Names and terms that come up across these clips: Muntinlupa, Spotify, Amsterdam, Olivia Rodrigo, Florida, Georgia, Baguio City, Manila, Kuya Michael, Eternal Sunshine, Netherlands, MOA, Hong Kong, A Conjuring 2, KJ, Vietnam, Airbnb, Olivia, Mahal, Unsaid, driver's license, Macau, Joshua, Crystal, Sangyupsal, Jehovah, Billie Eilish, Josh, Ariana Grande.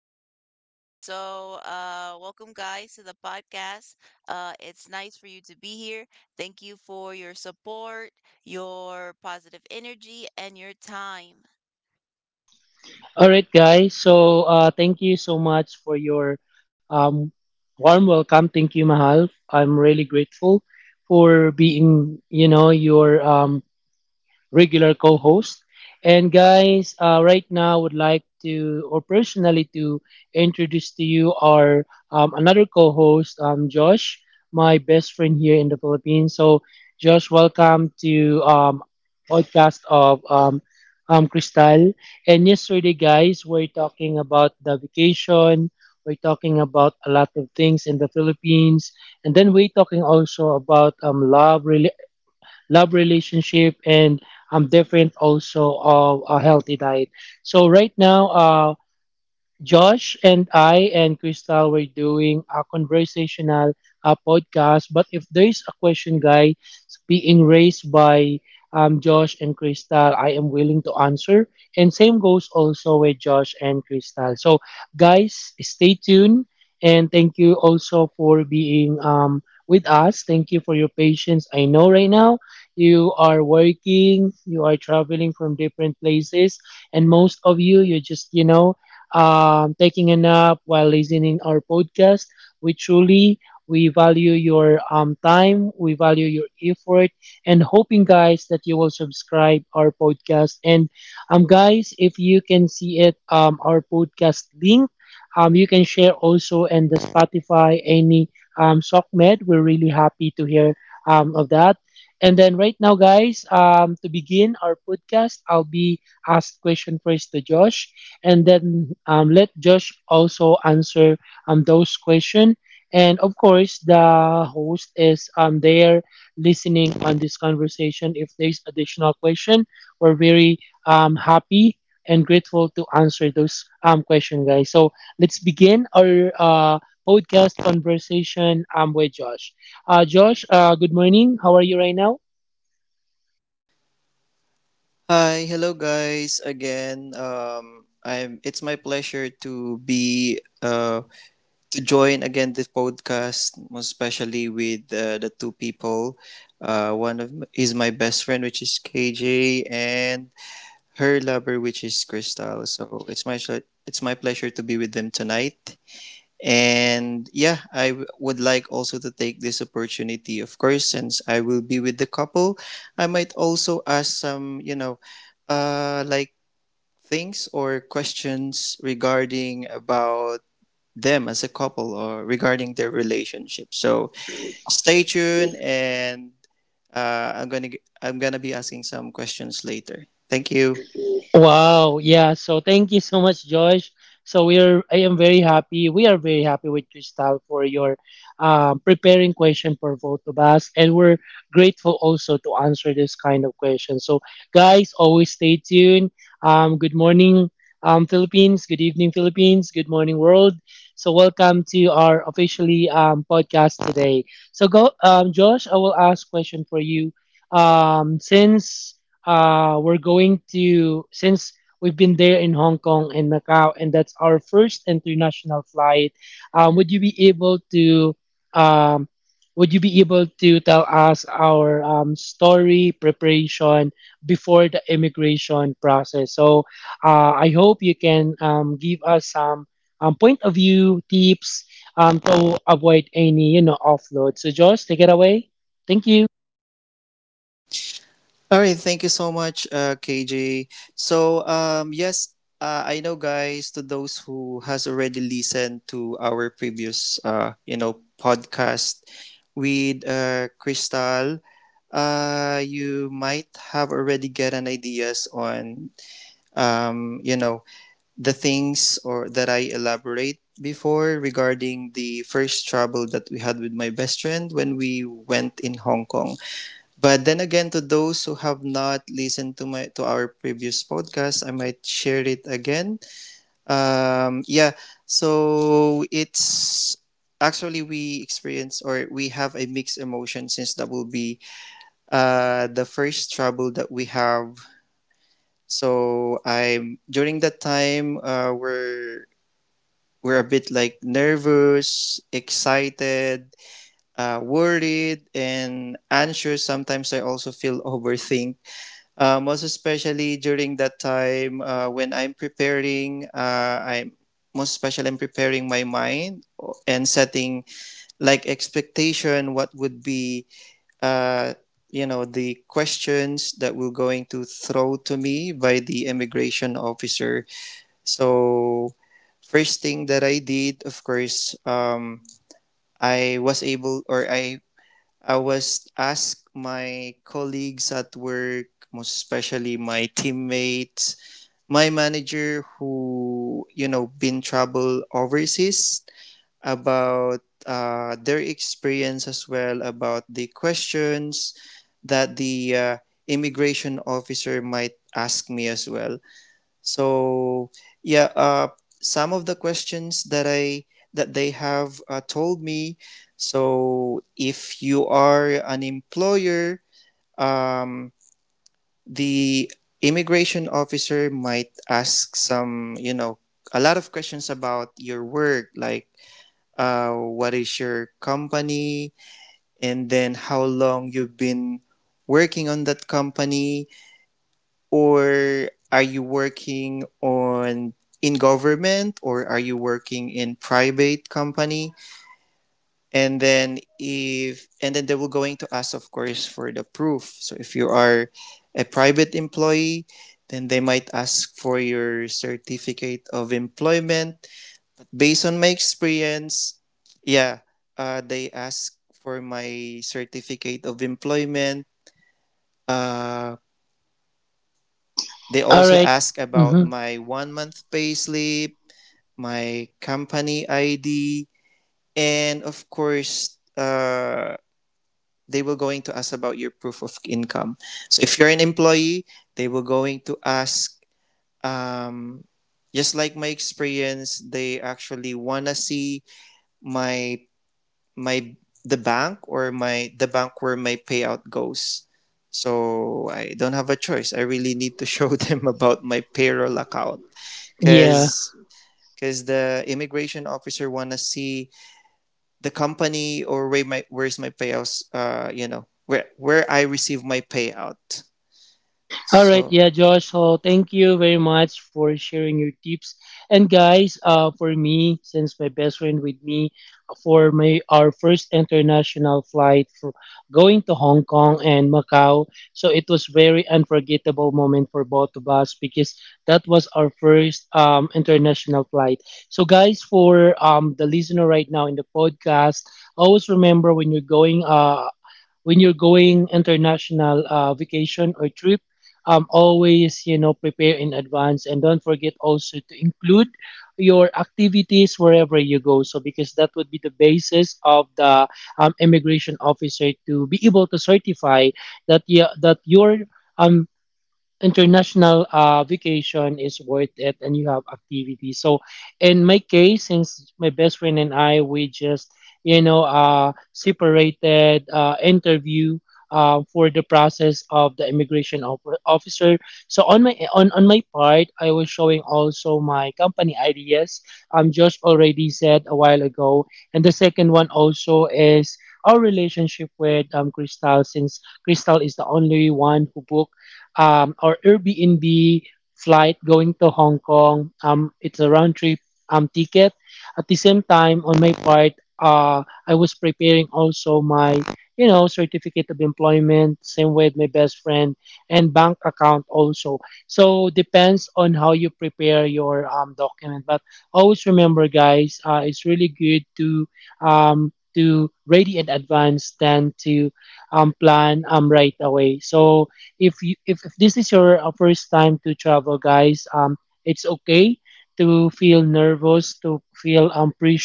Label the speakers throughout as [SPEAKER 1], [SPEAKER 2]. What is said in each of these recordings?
[SPEAKER 1] my lover. So welcome guys to the podcast. It's nice for you to be here. Thank you for your support, your positive energy, and your time.
[SPEAKER 2] All right, guys. So, thank you so much for your um, warm welcome. Thank you, Mahal. I'm really grateful for being, you know, your regular co-host. And guys, right now I would like to, or personally to introduce to you our another co-host, Josh, my best friend here in the Philippines. So, Josh, welcome to podcast of Crystal. And yesterday, guys, we're talking about the vacation. We're talking about a lot of things in the Philippines, and then we're talking also about love relationship, and I'm different also of a healthy diet. So right now, Josh and I and Crystal were doing a conversational podcast. But if there is a question, guys, being raised by Josh and Crystal, I am willing to answer. And same goes also with Josh and Crystal. So, guys, stay tuned. And thank you also for being with us. Thank you for your patience. I know right now you are working, you are traveling from different places, and most of you, you just, you know, taking a nap while listening our podcast. We truly we value your time, we value your effort, and hoping guys that you will subscribe our podcast. And guys, if you can see it, our podcast link. You can share also in the Spotify any SOCMED. We're really happy to hear of that. And then right now, guys, to begin our podcast, I'll be asked question first to Josh and then let Josh also answer those questions. And of course, the host is there listening on this conversation. If there's additional question, we're very happy and grateful to answer those questions, guys. So let's begin our podcast conversation with Josh. Josh, good morning. How are you right now?
[SPEAKER 3] Hi, hello guys again. I'm. It's my pleasure to be to join again this podcast, most especially with the two people. Is my best friend, which is KJ, and her lover, which is Crystal. So it's my pleasure to be with them tonight. And yeah, would like also to take this opportunity, of course, since I will be with the couple. I might also ask some, you know, like things or questions regarding about them as a couple or regarding their relationship. So stay tuned, and I'm gonna be asking some questions later. Thank you.
[SPEAKER 2] Wow. Yeah. So thank you so much, Josh. So we are. I am very happy. We are very happy with Crystal for your preparing question for both of us, and we're grateful also to answer this kind of question. So guys, always stay tuned. Good morning, Philippines. Good evening, Philippines. Good morning, world. So welcome to our officially podcast today. So go, Josh. I will ask question for you. Since we're going to since we've been there in Hong Kong and Macau, and that's our first international flight. Um, would you be able to um, would you be able to tell us our story preparation before the immigration process? So I hope you can give us some point of view tips to avoid any, you know, offload. So Josh, take it away. Thank you.
[SPEAKER 3] All right, thank you so much, KJ. So, um, yes, I know, guys, to those who has already listened to our previous, podcast with Crystal, you might have already get an ideas on, um, you know, the things or that I elaborate before regarding the first trouble that we had with my best friend when we went in Hong Kong. But then again, to those who have not listened to my to our previous podcast, I might share it again. Yeah, so it's actually we experience or we have a mixed emotion since that will be the first trouble that we have. So I'm during that time we're a bit like nervous, excited, worried, and anxious. Sometimes I also feel overthink. Most especially during that time when I'm preparing, I'm most especially I'm preparing my and setting like expectation what would be uh, the questions that were going to throw to me by the immigration officer. So first thing that I did, of course, I was able or I was asked my colleagues at work, most especially my teammates, my manager who, you know, been travel overseas about their experience as well about the questions that the immigration officer might ask me as well. So yeah, some of the questions that they have told me. So if you are an employer, um, the immigration officer might ask some, you know, a lot of questions about your work, like what is your company, and then how long you've been working on that company or are you working on in government or are you working in private company. And then if and then they will going to ask, of course, for the proof. So if you are a private employee, then they might ask for your certificate of employment. Based on my experience, yeah, they ask for my certificate of employment. uh, They
[SPEAKER 2] All
[SPEAKER 3] also
[SPEAKER 2] right.
[SPEAKER 3] ask about
[SPEAKER 2] Mm-hmm.
[SPEAKER 3] my one month payslip, my company ID, and of course, they will going to ask about your proof of income. So if you're an employee, they will going to ask. Um, just like my experience, they actually wanna see my my the bank where my payout goes. So I don't have a choice. I really need to show them about my payroll account
[SPEAKER 2] Yeah.
[SPEAKER 3] because the immigration officer wanna see the company or where my where's my payouts you know where I receive my payout.
[SPEAKER 2] All right,
[SPEAKER 3] So
[SPEAKER 2] yeah, Josh. So thank you very much for sharing your tips. And guys, for me, since my best friend with me for my our first international flight for going to Hong Kong and Macau, so it was very unforgettable moment for both of us because that was our first international flight. So guys, for the listener right now in the podcast, always remember when you're going international vacation or trip, always, you know, prepare in advance and don't forget also to include your activities wherever you go. So because that would be the basis of the immigration officer to be able to certify that, yeah, that your um international vacation is worth it and you have activities. So in my case, since my best friend and I, we just, you know, separated interview for the process of the officer. So on my part, I was showing also my company ideas, just already said a while ago, and the second one also is our relationship with Crystal, since Crystal is the only one who booked or Airbnb flight going to Hong Kong. It's a round trip ticket. At the same time, on my part, I was preparing also my, you know, certificate of employment. Same with my best friend, and bank account also. So depends on how you prepare your document. But always remember, guys, it's really good to ready in advance than to plan right away. So if this is your first time to travel, guys, it's okay to feel nervous, to feel pre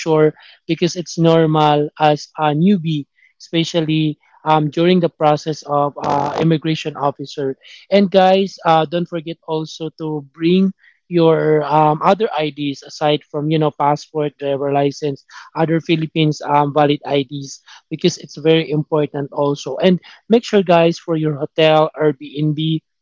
[SPEAKER 2] because it's normal as a newbie, especially during the process of immigration officer. And guys, don't forget also to bring your other IDs aside from, you know, passport, driver license, other Philippines valid IDs, because it's very important also. And make sure, guys, for your hotel Airbnb,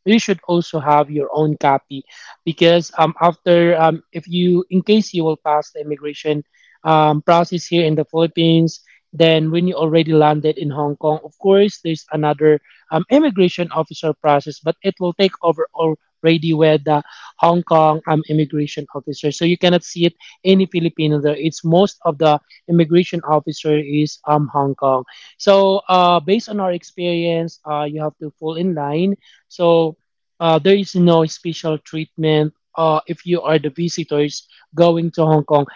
[SPEAKER 2] you should also have your own copy, because after if you, in case you will pass the immigration process here in the Philippines, then when you already landed in Hong Kong, of course, there's another immigration officer process, but it will take over already with the Hong Kong immigration officer. So you cannot see it any Filipino there. It's most of the immigration officer is Hong Kong. So, based on our experience, you have to fall in line. So, there is no special treatment if you are the visitors going to Hong Kong,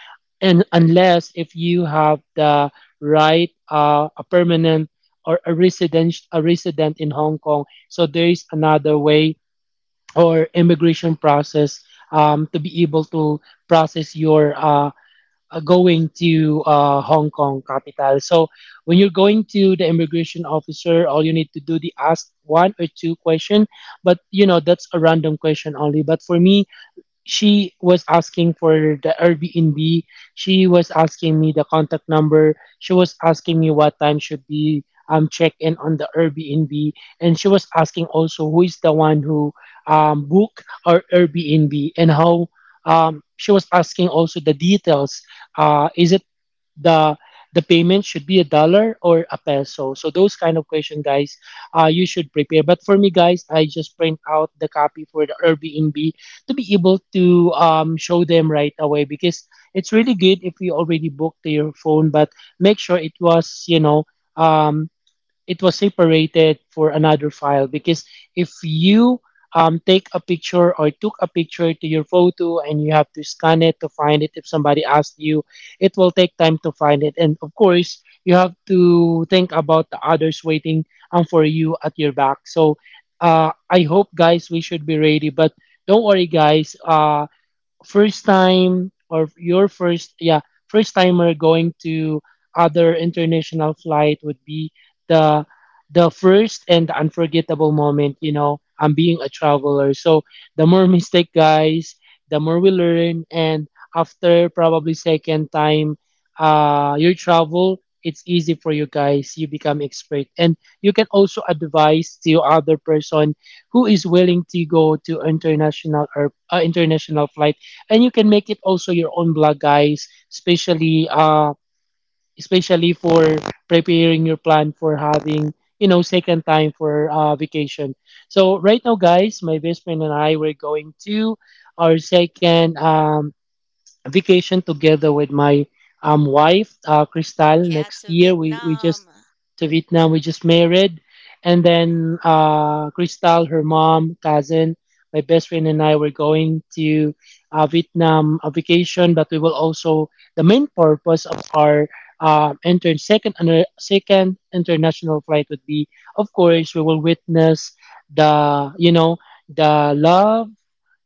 [SPEAKER 2] and unless if you have the right a permanent or a resident in Hong Kong. So there is another way or immigration process to be able to process your going to Hong Kong capital. So when you're going to the immigration officer, all you need to do the ask one or two question, but you know that's a random question only. But for me, she was asking for the Airbnb. She was asking me the contact number. She was asking me what time should be check in on the Airbnb, and she was asking also who is the one who book our Airbnb, and how she was asking also the details. Is it the the payment should be a dollar or a peso? So those kind of question, guys, you should prepare. But for me, guys, I just print out the copy for the Airbnb to be able to show them right away, because it's really good if you already booked to your phone, but make sure it was, you know, um, it was separated for another file. Because if you take a picture or took a picture to your photo, and you have to scan it to find it if somebody asks you, it will take time to find it. And of course, you have to think about the others waiting for you at your back. So I hope, guys, we should be ready. But don't worry, guys, first time or your first yeah first timer going to other international flight would be the the first and the unforgettable moment. You know, I'm being a traveler, so the more mistake, guys, the more we learn. And after probably second time, your travel, it's easy for you, guys. You become expert and you can also advise to other person who is willing to go to international or international flight. And you can make it also your own blog, guys, especially for preparing your plan for having, you know, second time for vacation. So right now, guys, my best friend and I, we're going to our second vacation together with my wife,
[SPEAKER 1] Yeah,
[SPEAKER 2] Crystal,
[SPEAKER 1] to
[SPEAKER 2] next year. We
[SPEAKER 1] Vietnam.
[SPEAKER 2] just to Vietnam, we just married. And then Crystal, her mom, cousin, my best friend, and I were going to Vietnam a vacation. But we will also, the main purpose of our second international flight would be, of course, we will witness the, you know, the love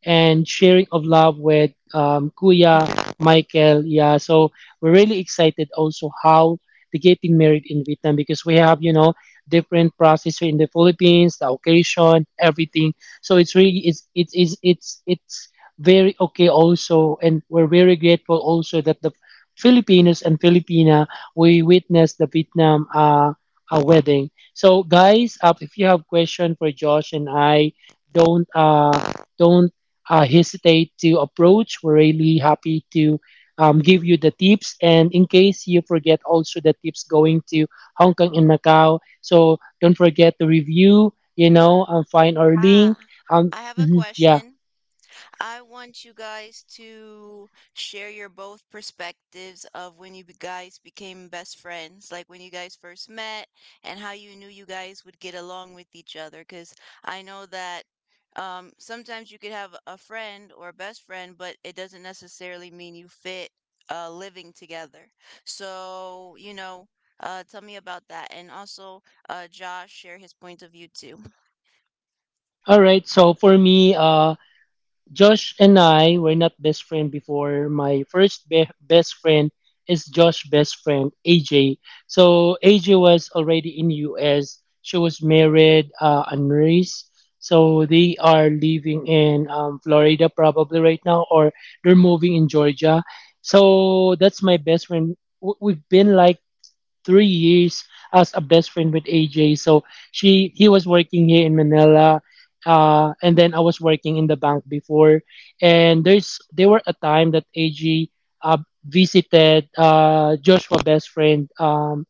[SPEAKER 2] and sharing of love with Kuya Michael. Yeah, so we're really excited also how the getting married in Vietnam, because we have, you know, different process here in the Philippines, the occasion, everything. So it's really it's very okay also. And we're very grateful also that the Filipinos and Filipina we witnessed the Vietnam a wedding. So guys, if you have question for Josh and I, don't uh, don't hesitate to approach. We're really happy to give you the tips. And in case you forget, also the tips going to Hong Kong and Macau. So don't forget to review, you know, and find our link.
[SPEAKER 1] Ah,
[SPEAKER 2] Um,
[SPEAKER 1] I have a
[SPEAKER 2] mhm, yeah.
[SPEAKER 1] question. I want you guys to share your both perspectives of when you guys became best friends, like when you guys first met and how you knew you guys would get along with each other. Because I know that sometimes you could have a friend or a best friend, but it doesn't necessarily mean you fit living together. So, you know, tell me about that. And also, Josh, share his point of view too.
[SPEAKER 2] All right. So for me, Josh and I were not best friend before. My best friend is Josh's best friend, AJ. So AJ was already in US. She was married and raised. So they are living in Florida probably right now, or they're moving in Georgia. So that's my best friend. We've been like 3 years as a best friend with AJ. So she he was working here in Manila, and then I was working in the bank before. And there were a time that AJ uh, visited Joshua best friend.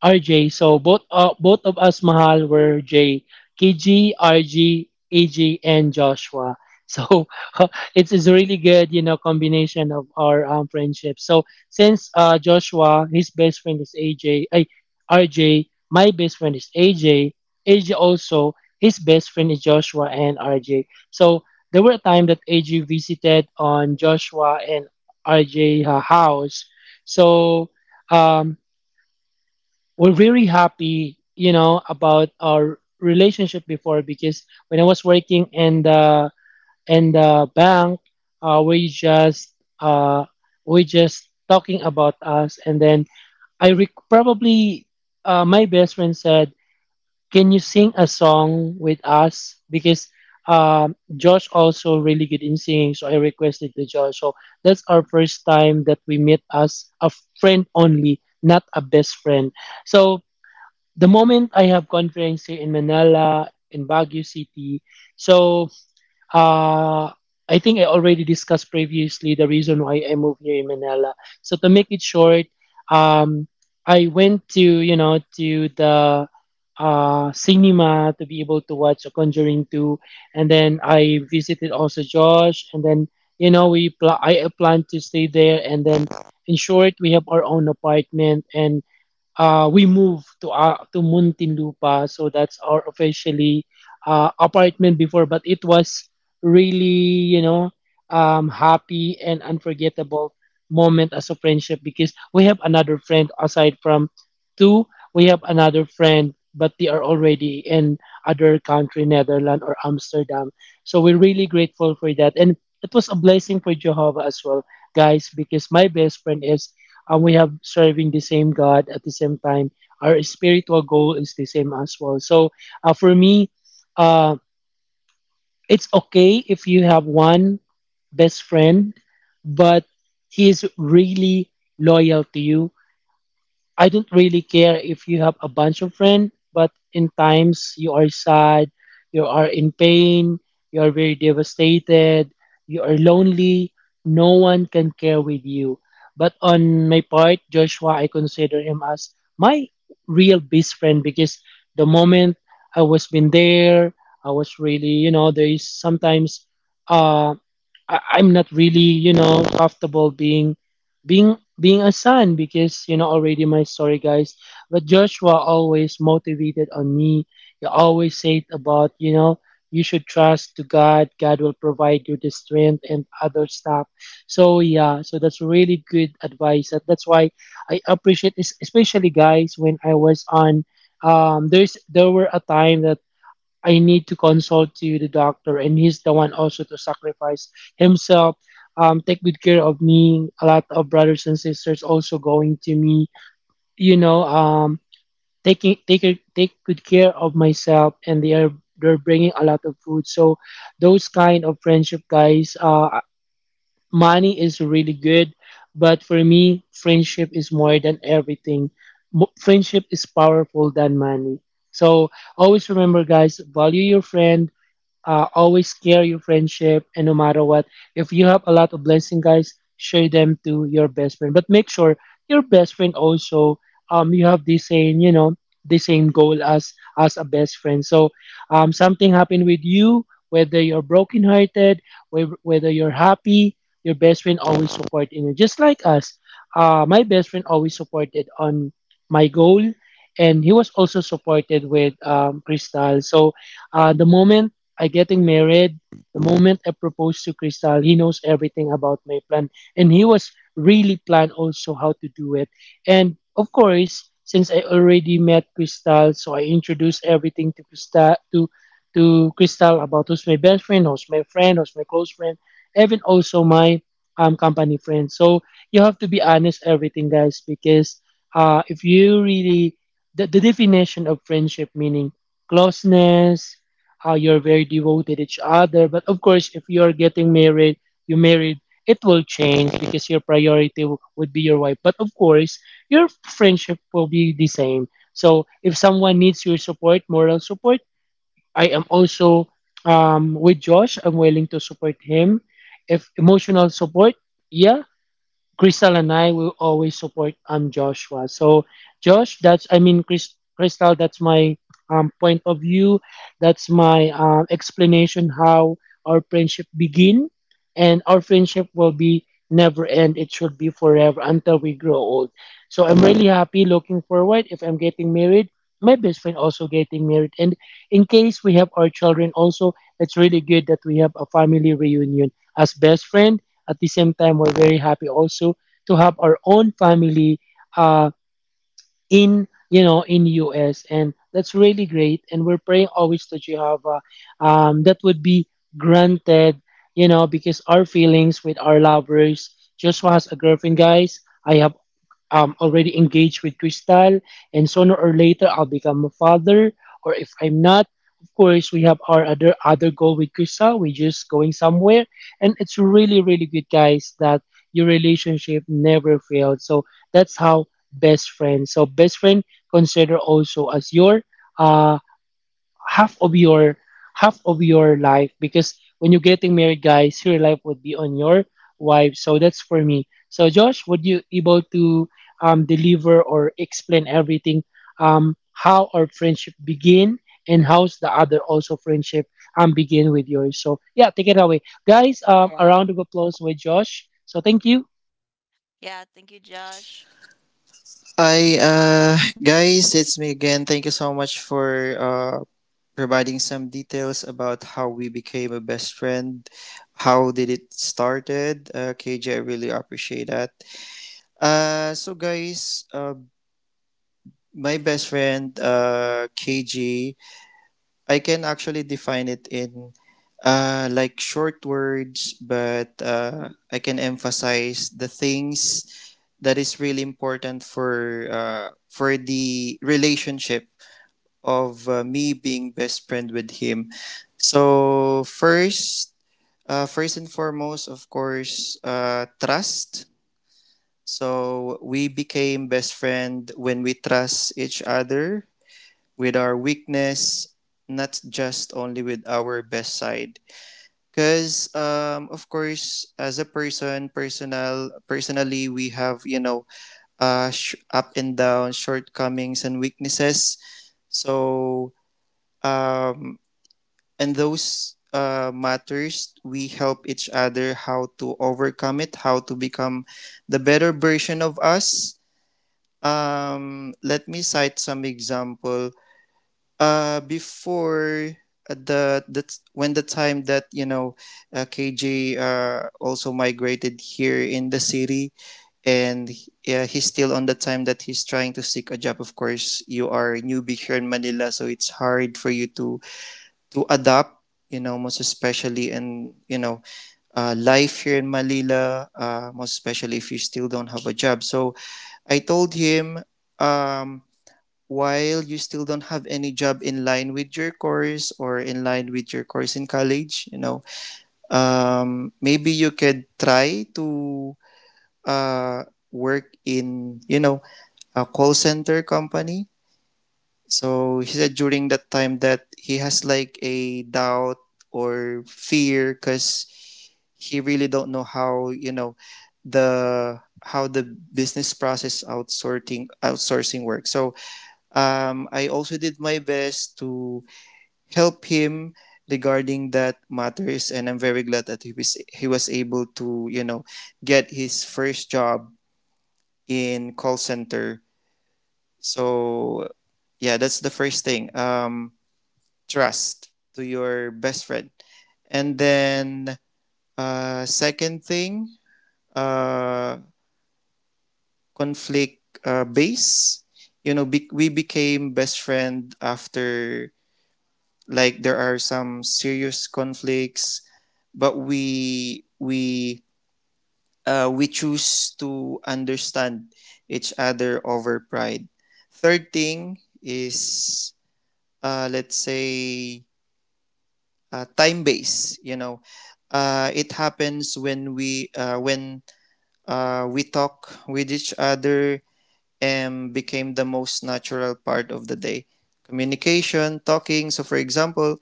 [SPEAKER 2] RJ. So both of us, Mahal, were J, KG, RG, AJ, and Joshua. So it's a really good, you know, combination of our friendship. So since Joshua, his best friend is RJ, my best friend is AJ, AJ also, his best friend is Joshua and RJ. So there were a time that AJ visited on Joshua and RJ house. So um, we're very happy, you know, about our relationship before because when I was working in the bank, uh, we just uh, we just talking about us, and then probably my best friend said, "Can you sing a song with us?" Because Josh also really good in singing, so I requested to Josh. So that's our first time that we met as a friend only, not a best friend. So the moment I have conference here in Manila, in Baguio City. So uh, I think I already discussed previously the reason why I moved here in Manila. So to make it short, um, I went to you know to the cinema to be able to watch A Conjuring 2, and then I visited also Josh, and then you know I plan to stay there, and then in short we have our own apartment and we moved to Muntinlupa, so that's our officially apartment before. But it was really, you know, happy and unforgettable moment as a friendship because we have another friend aside from two. We have another friend, but they are already in other country, Netherlands or Amsterdam. So we're really grateful for that, and it was a blessing for Jehovah as well, guys, because my best friend is and we have serving the same God at the same time. Our spiritual goal is the same as well. So for me, uh, it's okay if you have one best friend, but he is really loyal to you. I don't really care if you have a bunch of friends, but in times you are sad, you are in pain, you are very devastated, you are lonely, no one can care with you. But on my part, Joshua, I consider him as my real best friend because the moment I was been there, I was really, you know, there is sometimes uh, I'm not really, you know, comfortable being being a son because you know already my story guys. But Joshua always motivated on me. He always said about, you know, you should trust to God. God will provide you the strength and other stuff. So yeah, so that's really good advice. That's why I appreciate this especially guys when I was on there were a time that I need to consult to the doctor, and he's the one also to sacrifice himself, take good care of me. A lot of brothers and sisters also going to me, you know, take good care of myself, and they are they're bringing a lot of food. So those kind of friendship, guys, money is really good, but for me, friendship is more than everything. Friendship is powerful than money. So always remember, guys, value your friend, always care your friendship, and no matter what, if you have a lot of blessing, guys, share them to your best friend, but make sure your best friend also, you have the same, you know, the same goal as a best friend. So something happened with you, whether you're brokenhearted, whether you're happy, your best friend always supporting you just like us. My best friend always supported on my goal, and he was also supported with Crystal. So the moment I getting married. The moment I proposed to Crystal, he knows everything about my plan. And he was really plan also how to do it. And of course, since I already met Crystal, so I introduced everything to Crystal to Crystal about who's my best friend, who's my close friend, even also my company friend. So you have to be honest everything guys because if you really the definition of friendship meaning closeness, how you're very devoted each other. But of course, if you're getting married, you married, it will change because your priority would be your wife. But of course, your friendship will be the same. So if someone needs your support, moral support, I am also with Josh. I'm willing to support him. If emotional support, yeah, Crystal and I will always support Joshua. So Josh, that's I mean Chris, Crystal, that's my point of view. That's my explanation how our friendship begin, and our friendship will be never end. It should be forever until we grow old. So I'm really happy, looking forward. If I'm getting married, my best friend also getting married, and in case we have our children also, it's really good that we have a family reunion as best friend. At the same time, we're very happy also to have our own family uh, in you know in US, and that's really great. And we're praying always that you have that would be granted, you know, because our feelings with our lovers. Joshua has a girlfriend, guys. I have already engaged with Crystal, and sooner or later I'll become a father. Or if I'm not, of course, we have our other goal with Crystal. We're just going somewhere, and it's really, really good, guys, that your relationship never failed. So that's how best friend. So best friend consider also as your um half of your half of your life because when you're getting married, guys, your life would be on your wife. So that's for me. So Josh, would you able to deliver or explain everything, how our friendship begin and how's the other also friendship begin with yours. So yeah, take it away, guys. A
[SPEAKER 1] Yeah.
[SPEAKER 2] round of applause with Josh. So thank you.
[SPEAKER 1] Yeah, thank you, Josh.
[SPEAKER 3] I guys, it's me again. Thank you so much for providing some details about how we became a best friend. How did it started? KJ, I really appreciate that. So guys, my best friend KG, I can actually define it in like short words, but I can emphasize the things that is really important for the relationship of me being best friend with him. So first, first and foremost, of course, trust. So we became best friend when we trust each other with our weakness, not just only with our best side. Because of course, as a person, personal, personally, we have you know, up and down, shortcomings and weaknesses. So um, and those matters, we help each other how to overcome it, how to become the better version of us. Let me cite some example. Before the That's when the time that you know KJ also migrated here in the city, and yeah, he's still on the time that he's trying to seek a job. Of course, you are a newbie here in Manila, so it's hard for you to adapt. You know, most especially in you know life here in Manila, most especially if you still don't have a job. So I told him, um, while you still don't have any job in line with your course in college, you know, maybe you could try to uh, work in, you know, a call center company. So he said during that time that he has like a doubt or fear because he really don't know how, you know, the how the business process outsourcing works. So I also did my best to help him regarding that matters, and I'm very glad that he was able to, you know, get his first job in call center. So yeah, that's the first thing. Trust to your best friend, and then second thing, uh, conflict base. You know, we became best friend after like there are some serious conflicts, but we choose to understand each other over pride. Third thing is let's say time base, you know. It happens when we talk with each other and became the most natural part of the day, communication, talking. So for example,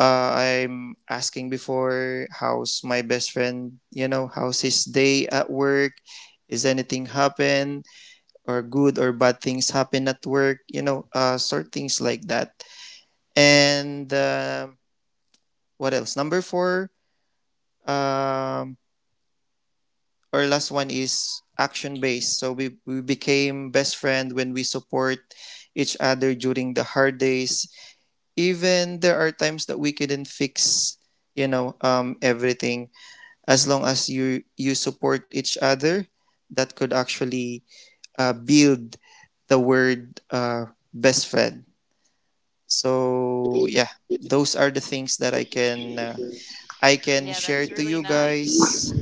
[SPEAKER 3] I'm asking before how's my best friend, you know, how's his day at work? Is anything happen or good or bad things happen at work? You know, sort things like that. And what else? Number four, um, our last one is action based. So we became best friend when we support each other during the hard days. Even there are times that we couldn't fix, you know, everything. As long as you support each other, that could actually build the word best friend. So yeah, those are the things that I can I can
[SPEAKER 1] Yeah,
[SPEAKER 3] share
[SPEAKER 1] that's
[SPEAKER 3] to
[SPEAKER 1] really
[SPEAKER 3] you
[SPEAKER 1] nice.
[SPEAKER 3] guys.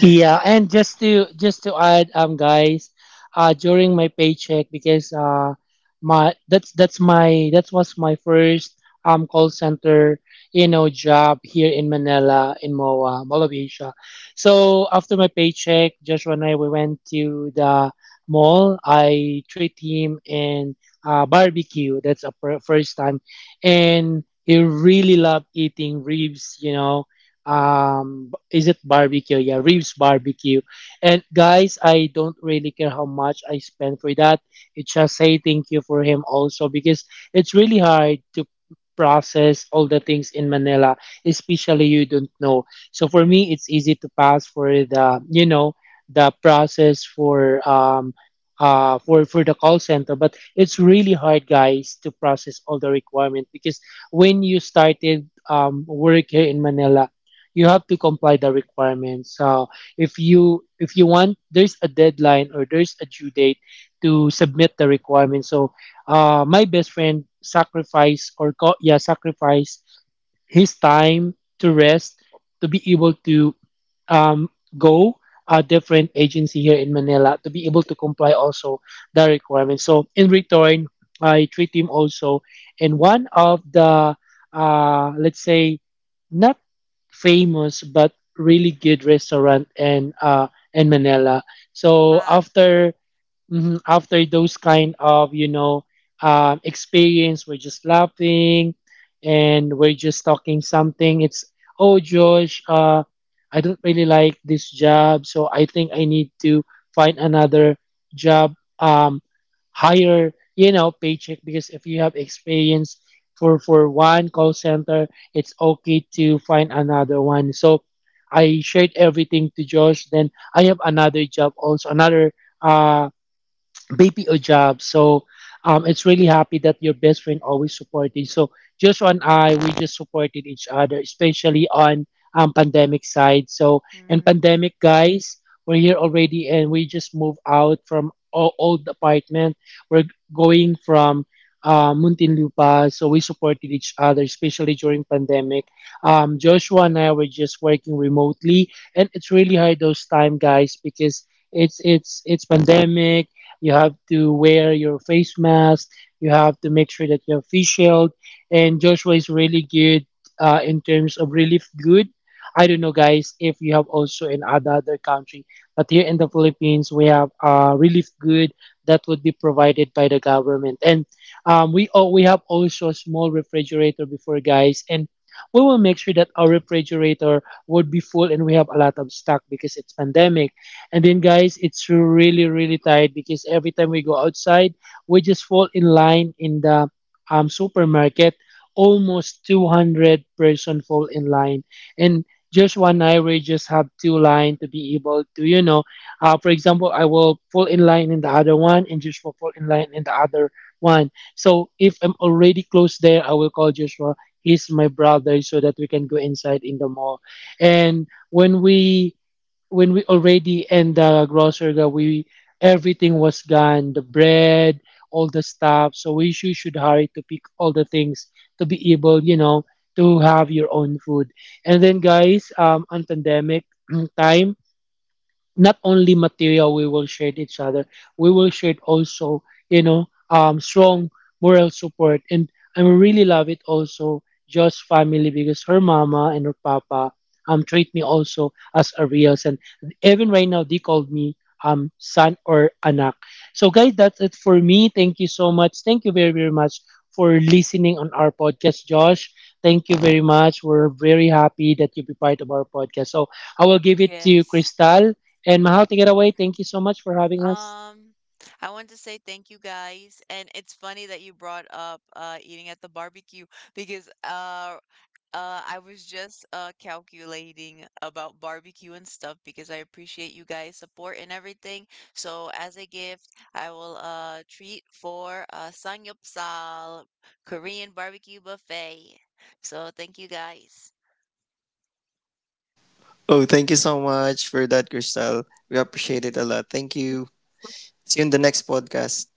[SPEAKER 2] Yeah, and just to add, guys, during my paycheck because my that's my that was my first call center, you know, job here in Manila in MOA Mall of Asia. So after my paycheck, Joshua and I we went to the mall. I treat him in barbecue. First time, and he really loved eating ribs. You know, is it barbecue, yeah, reeves barbecue, and guys, I don't really care how much I spend for that. It's just say thank you for him also because it's really hard to process all the things in Manila, especially you don't know. So for me, it's easy to pass for the, you know, the process for for the call center, but it's really hard, guys, to process all the requirement because when you started, work here in Manila, you have to comply the requirements. So if you want, there's a deadline or there's a due date to submit the requirements. So my best friend sacrificed or co- yeah sacrificed his time to rest to be able to um, go a different agency here in Manila to be able to comply also the requirements. So in return, I treat him also in one of the, let's say, not famous but really good restaurant in Manila. So
[SPEAKER 1] Ah,
[SPEAKER 2] after after those kind of, you know, experience, we're just laughing and we're just talking something. It's oh Josh, I don't really like this job, so I think I need to find another job, um, higher, you know, paycheck, because if you have experience for one call center, it's okay to find another one. So I shared everything to Josh. Then I have another job also another. Baby or job. So it's really happy that your best friend always supported. So Joshua and I, we just supported each other, especially on pandemic side. So and
[SPEAKER 1] mm,
[SPEAKER 2] pandemic guys, we're here already, and we just moved out from our old apartment. We're going from Muntinlupa, so we supported each other, especially during pandemic. Joshua and I were just working remotely, and it's really hard those time, guys, because it's it's pandemic. You have to wear your face mask. You have to make sure that you have face shield. And Joshua is really good in terms of relief good. I don't know, guys, if you have also in other country, but here in the Philippines we have relief good that would be provided by the government, and we have also a small refrigerator before, guys, and we will make sure that our refrigerator would be full and we have a lot of stock because it's pandemic. And then, guys, it's really, really tired because every time we go outside, we just fall in line in the supermarket. Almost 200-person fall in line. And Joshua and I, we just have two line to be able to, you know, for example, I will fall in line in the other one and Joshua fall in line in the other one. So if I'm already close there, I will call Joshua. He's my brother so that we can go inside in the mall. And when we already in the grocery that we everything was gone, the bread, all the stuff, so we should hurry to pick all the things to be able, you know, to have your own food. And then guys, on pandemic time, not only material we will share each other, we will share also, you know, strong moral support. And I really love it also Jo's family because her mama and her papa treat me also as a real son. Even right now they called me son or anak. So guys, that's it for me. Thank you so much. Thank you very very much for listening on our podcast. Josh, thank you very much. We're very happy that you be part of our podcast. So I will give it to you,
[SPEAKER 1] yes.
[SPEAKER 2] Crystal. And Mahal, take it away. Thank you so much for having us.
[SPEAKER 1] Um, I want to say thank you guys, and it's funny that you brought up eating at the barbecue because I was just calculating about barbecue and stuff because I appreciate you guys' support and everything. So as a gift, I will treat for Sangyupsal Korean barbecue buffet. So thank you guys.
[SPEAKER 3] Oh, thank you so much for that, Crystal. We appreciate it a lot. Thank you. See you in the next podcast.